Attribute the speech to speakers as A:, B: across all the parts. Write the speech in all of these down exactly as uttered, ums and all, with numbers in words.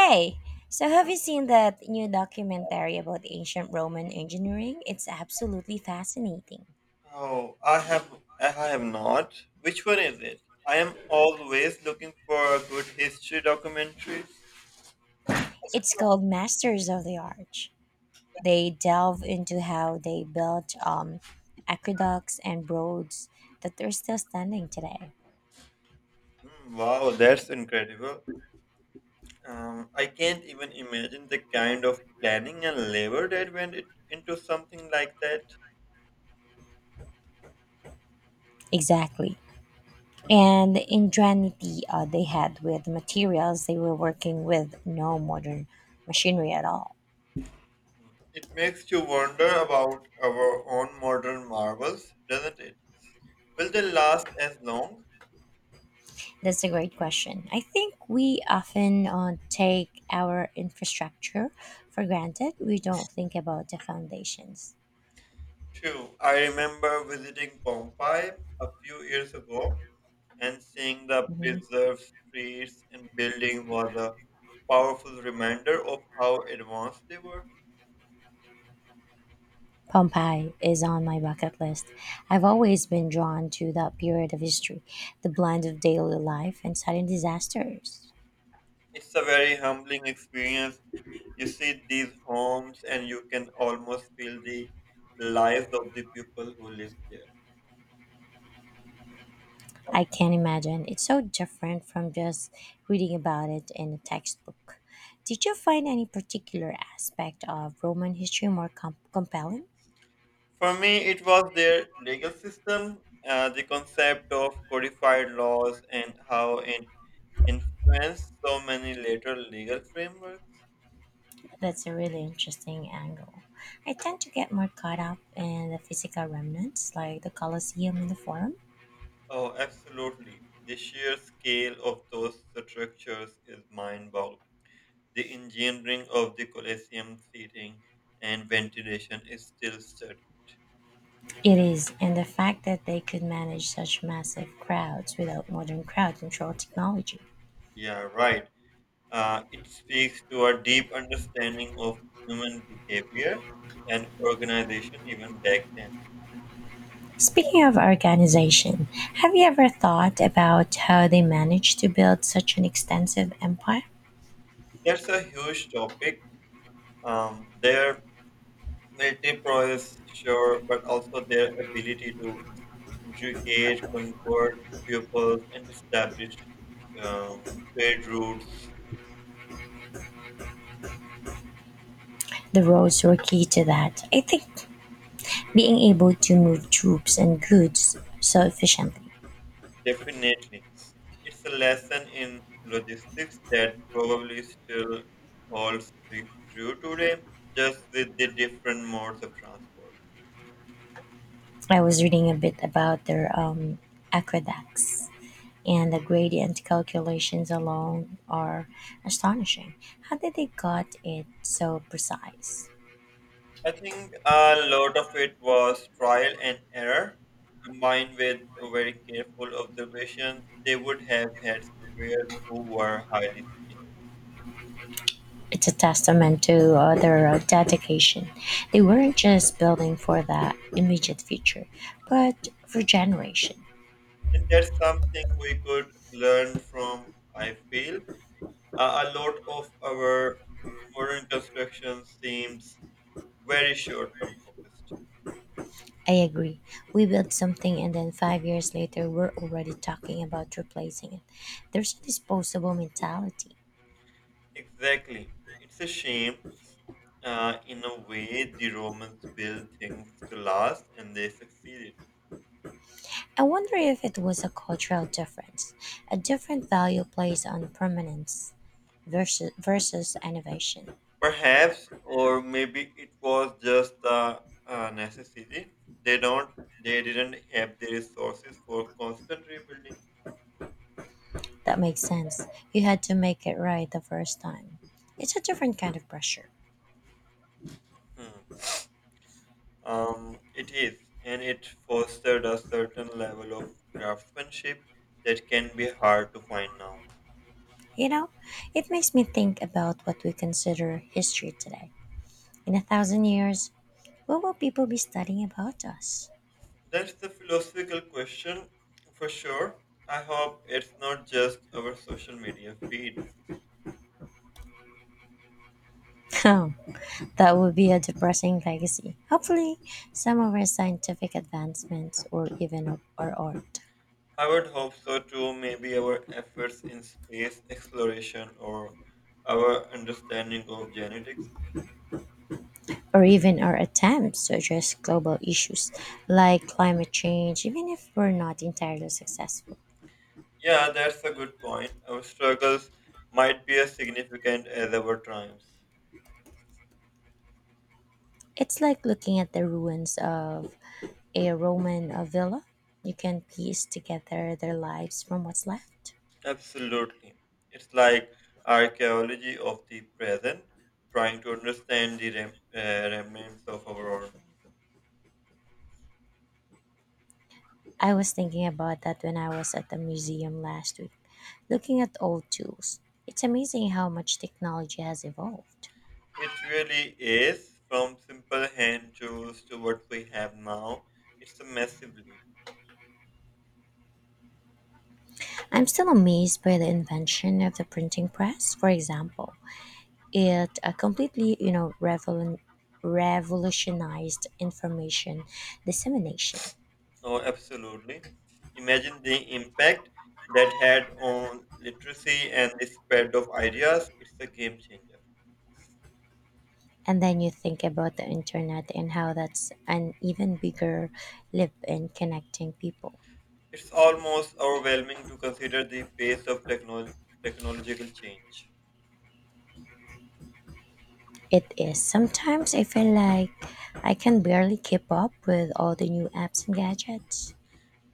A: Hey, so have you seen that new documentary about ancient Roman engineering? It's absolutely fascinating.
B: Oh, I have I have not. Which one is it? I am always looking for good history documentaries.
A: It's called Masters of the Arch. They delve into how they built um, aqueducts and roads that are still standing today.
B: Hmm, wow, that's incredible. Um, I can't even imagine the kind of planning and labor that went it, into something like that.
A: Exactly. And the ingenuity uh, they had with the materials they were working with, no modern machinery at all.
B: It makes you wonder about our own modern marvels, doesn't it? Will they last as long?
A: That's a great question. I think we often uh, take our infrastructure for granted. We don't think about the foundations.
B: True. I remember visiting Pompeii a few years ago and seeing the
A: Mhm.
B: preserved streets and buildings was a powerful reminder of how advanced they were.
A: Pompeii is on my bucket list. I've always been drawn to that period of history, the blend of daily life and sudden disasters.
B: It's a very humbling experience. You see these homes, and you can almost feel the lives of the people who live there.
A: I can't imagine. It's so different from just reading about it in a textbook. Did you find any particular aspect of Roman history more com- compelling?
B: For me, it was their legal system, uh, the concept of codified laws, and how it influenced so many later legal frameworks.
A: That's a really interesting angle. I tend to get more caught up in the physical remnants, like the Colosseum and the Forum.
B: Oh, absolutely. The sheer scale of those structures is mind boggling. The engineering of the Colosseum seating and ventilation is still studied.
A: It is, and the fact that they could manage such massive crowds without modern crowd control technology.
B: Yeah, right. Uh, it speaks to a deep understanding of human behavior and organization even back then.
A: Speaking of organization, have you ever thought about how they managed to build such an extensive empire?
B: That's a huge topic. Um, their military prowess, sure, but also their ability to regained conquered pupils, and establish um, trade routes.
A: The roads were key to that. I think being able to move troops and goods so efficiently.
B: Definitely, it's a lesson in logistics that probably still holds pre- true today, just with the different modes of transport.
A: I was reading a bit about their um, aqueducts and the gradient calculations alone are astonishing. How did they got it so precise?
B: I think a lot of it was trial and error, combined with a very careful observation. They would have had surveyors who were highly skilled,
A: It's a testament to uh, their uh, dedication. They weren't just building for the immediate future, but for generation.
B: and that's something we could learn from i feel Uh, a lot of our modern construction seems very short-term focused.
A: I agree. We built something and then five years later we're already talking about replacing it. There's a disposable mentality.
B: Exactly. It's a shame. Uh, in a way, the Romans built things to last and they succeeded.
A: I wonder if it was a cultural difference, a different value placed on permanence versus, versus innovation.
B: Perhaps, or maybe it was just the uh necessity. They don't. They didn't have the resources for constant rebuilding.
A: That makes sense. You had to make it right the first time. It's a different kind of pressure.
B: Um, it is, and it fostered a certain level of craftsmanship that can be hard to find now.
A: You know, it makes me think about what we consider history today. In a thousand years, what will people be studying about us?
B: That's the philosophical question for sure. I hope it's not just our social media feeds.
A: Oh, that would be a depressing legacy. Hopefully, some of our scientific advancements or even our art,
B: I would hope so too, maybe our efforts in space exploration or our understanding of genetics.
A: or even our attempts to address global issues like climate change, even if we're not entirely successful.
B: Yeah, that's a good point. Our struggles might be as significant as our triumphs.
A: It's like looking at the ruins of a Roman uh, villa. You can piece together their lives from what's left.
B: Absolutely. It's like archaeology of the present, trying to understand the rem- uh, remnants of our world.
A: I was thinking about that when I was at the museum last week, looking at old tools. It's amazing how much technology has evolved.
B: It really is, from simple hand tools to what we have now. It's a massive leap.
A: I'm still amazed by the invention of the printing press, for example. It uh, completely, you know, revol- revolutionized information dissemination.
B: Oh, absolutely. Imagine the impact that had on literacy and the spread of ideas. It's a game changer.
A: And then you think about the internet and how that's an even bigger leap in connecting people.
B: It's almost overwhelming to consider the pace of techno- technological change.
A: It is. Sometimes I feel like I can barely keep up with all the new apps and gadgets.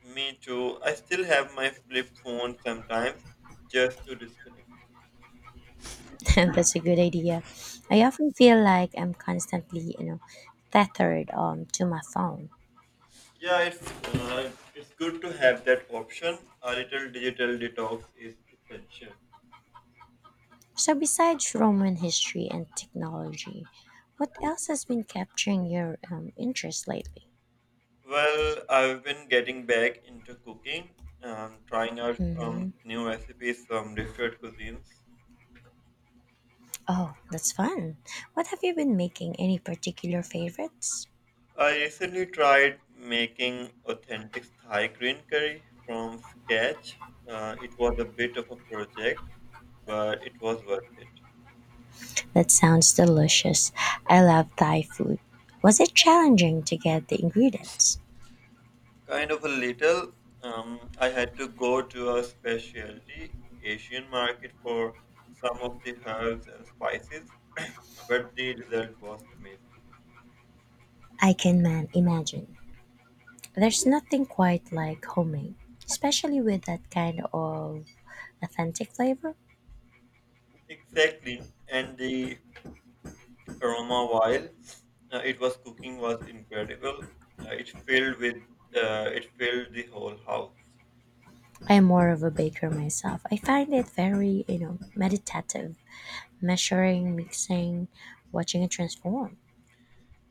B: Me too. I still have my flip phone sometimes just to disconnect.
A: That's a good idea. I often feel like I'm constantly, you know, tethered um, to my phone.
B: Yeah, it's uh, it's good to have that option. A little digital detox is essential.
A: So, besides Roman history and technology, what else has been capturing your um, interest lately?
B: Well, I've been getting back into cooking, um, trying out
A: Hmm.
B: um, new recipes from different cuisines.
A: Oh, that's fun. What have you been making? Any particular favorites?
B: I recently tried making authentic Thai green curry from scratch. Uh, it was a bit of a project, but it was worth it.
A: That sounds delicious. I love Thai food. Was it challenging to get the ingredients?
B: Kind of a little. Um, I had to go to a specialty Asian market for some of the herbs and spices, but the result was amazing.
A: I can man imagine. There's nothing quite like homemade, especially with that kind of authentic flavor.
B: Exactly, and the aroma while uh, it was cooking was incredible. Uh, it filled with uh, it filled the whole house.
A: I'm more of a baker myself. I find it very, you know, meditative. Measuring, mixing, watching it transform.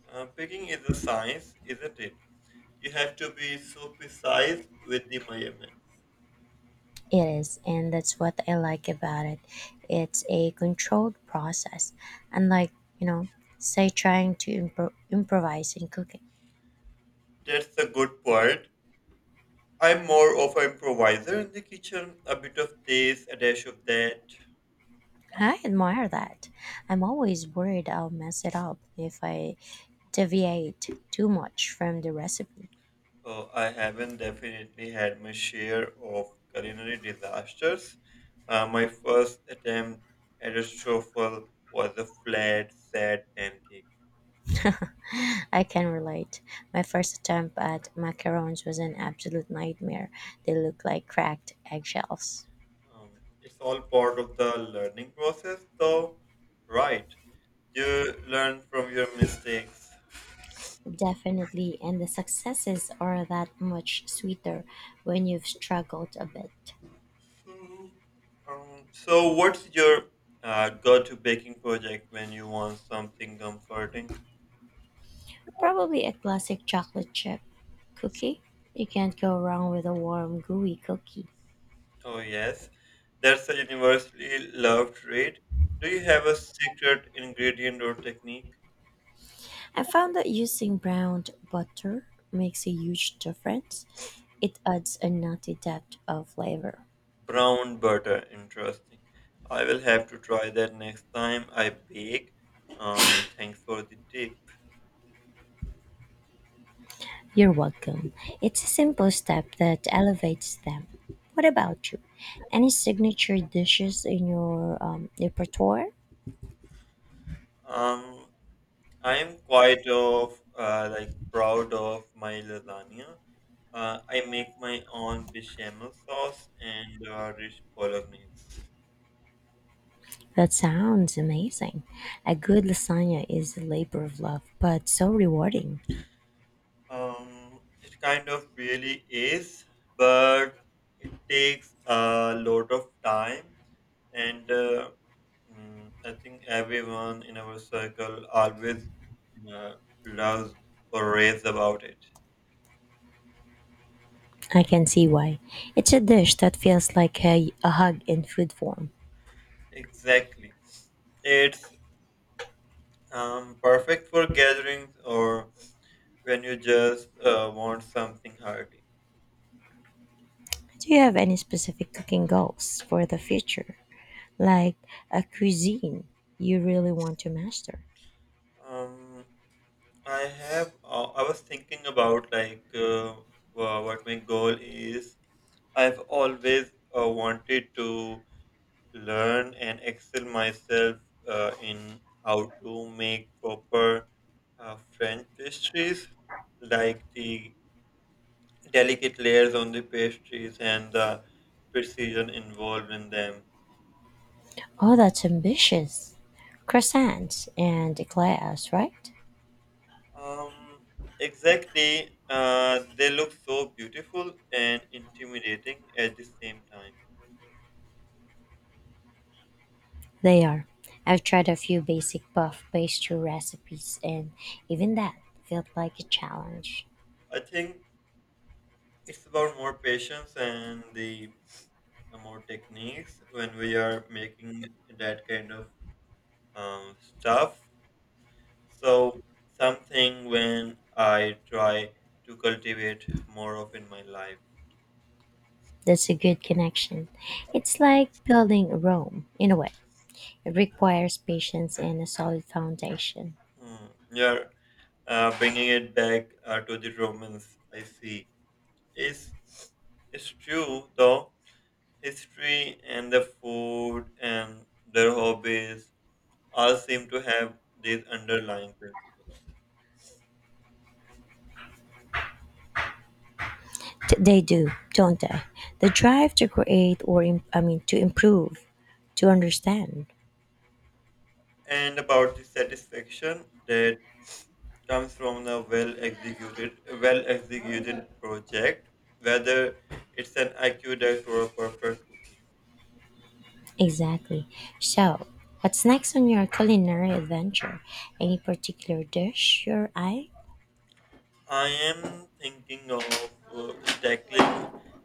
B: Uh, picking is a science, isn't it? You have to be so precise with the measurements.
A: It is, and that's what I like about it. It's a controlled process, unlike, you know, say trying to impro- improvise in cooking.
B: That's a good point. I'm more of an improviser in the kitchen, a bit of this, a dash of that.
A: I admire that. I'm always worried I'll mess it up if I deviate too much from the recipe.
B: Uh, I haven't definitely had my share of culinary disasters. Uh, my first attempt at a truffle was a flat, sad pancake.
A: I can relate. My first attempt at macarons was an absolute nightmare. They looked like cracked eggshells.
B: Um, it's all part of the learning process, though, right? You learn from your mistakes.
A: Definitely, and the successes are that much sweeter when you've struggled a bit.
B: So, um, so what's your uh, go-to baking project when you want something comforting?
A: Probably a classic chocolate chip cookie. You can't go wrong with a warm, gooey cookie.
B: Oh, yes, that's a universally loved trait. Do you have a secret ingredient or technique?
A: I found that using browned butter makes a huge difference. It adds a nutty depth of flavor.
B: Brown butter, interesting. I will have to try that next time I bake. Um, Thanks for the tip.
A: You're welcome. It's a simple step that elevates them. What about you? Any signature dishes in your um, repertoire?
B: Um, I'm quite of uh, like proud of my lasagna. Uh, I make my own bechamel sauce and uh, rich bolognese.
A: That sounds amazing. A good lasagna is a labor of love, but so rewarding.
B: Um, it kind of really is, but it takes a lot of time, and uh, mm, I think everyone in our circle always uh, loves or raves about it.
A: I can see why. It's a dish that feels like a, a hug in food form.
B: Exactly, it's um, perfect for gatherings or when you just uh, want something hearty.
A: Do you have any specific cooking goals for the future? Like a cuisine you really want to master?
B: Um, I have. Uh, I was thinking about like uh, wha- what my goal is. I've always uh, wanted to learn and excel myself uh, in how to make proper uh, French pastries, like the delicate layers on the pastries and the precision involved in them.
A: Oh, that's ambitious. Croissants and eclairs, right?
B: Um, exactly. Uh, they look so beautiful and intimidating at the same time.
A: They are. I've tried a few basic puff pastry recipes, and even that felt like a challenge.
B: I think it's about more patience and the uh, more techniques when we are making that kind of um, stuff. So something when I try to cultivate more of in my life.
A: That's a good connection. It's like building Rome, in a way. It requires patience and a solid foundation.
B: Hmm. Yeah, uh, bringing it back uh, to the Romans, I see. Is it's it's true though. History and the food and their hobbies all seem to have these underlying principles.
A: T- they do, don't they? The drive to create or, im- I mean, to improve, to understand.
B: And about the satisfaction that comes from a well executed well executed project, whether it's an aqueduct or a perfect cookie.
A: Exactly. So, what's next on your culinary adventure? Any particular dish your eye?
B: I am thinking of uh, tackling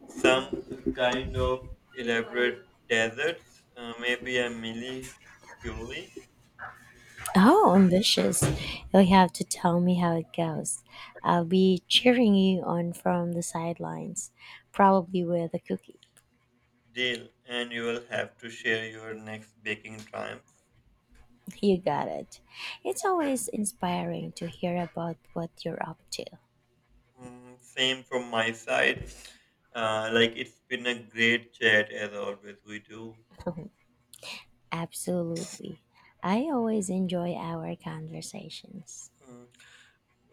B: some kind of elaborate deserts, uh, maybe a mini.
A: Oh, ambitious. You'll have to tell me how it goes. I'll be cheering you on from the sidelines, probably with a cookie.
B: Deal, and you will have to share your next baking triumph.
A: You got it. It's always inspiring to hear about what you're up to.
B: Mm, same from my side. Uh, like it's been a great chat as always. We do.
A: Absolutely. I always enjoy our conversations.
B: Mm.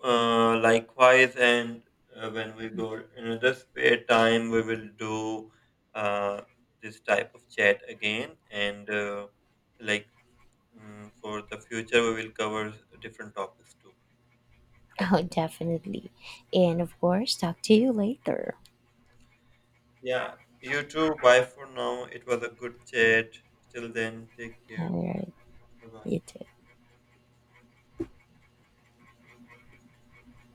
B: Uh, likewise, and uh, when we go another spare time, we will do uh, this type of chat again. And uh, like mm, for the future, we will cover different topics too.
A: Oh, definitely. And of course, talk to you later.
B: Yeah, you too. Bye for now. It was a good chat. Till then, take care.
A: All right.
B: Right.
A: You too.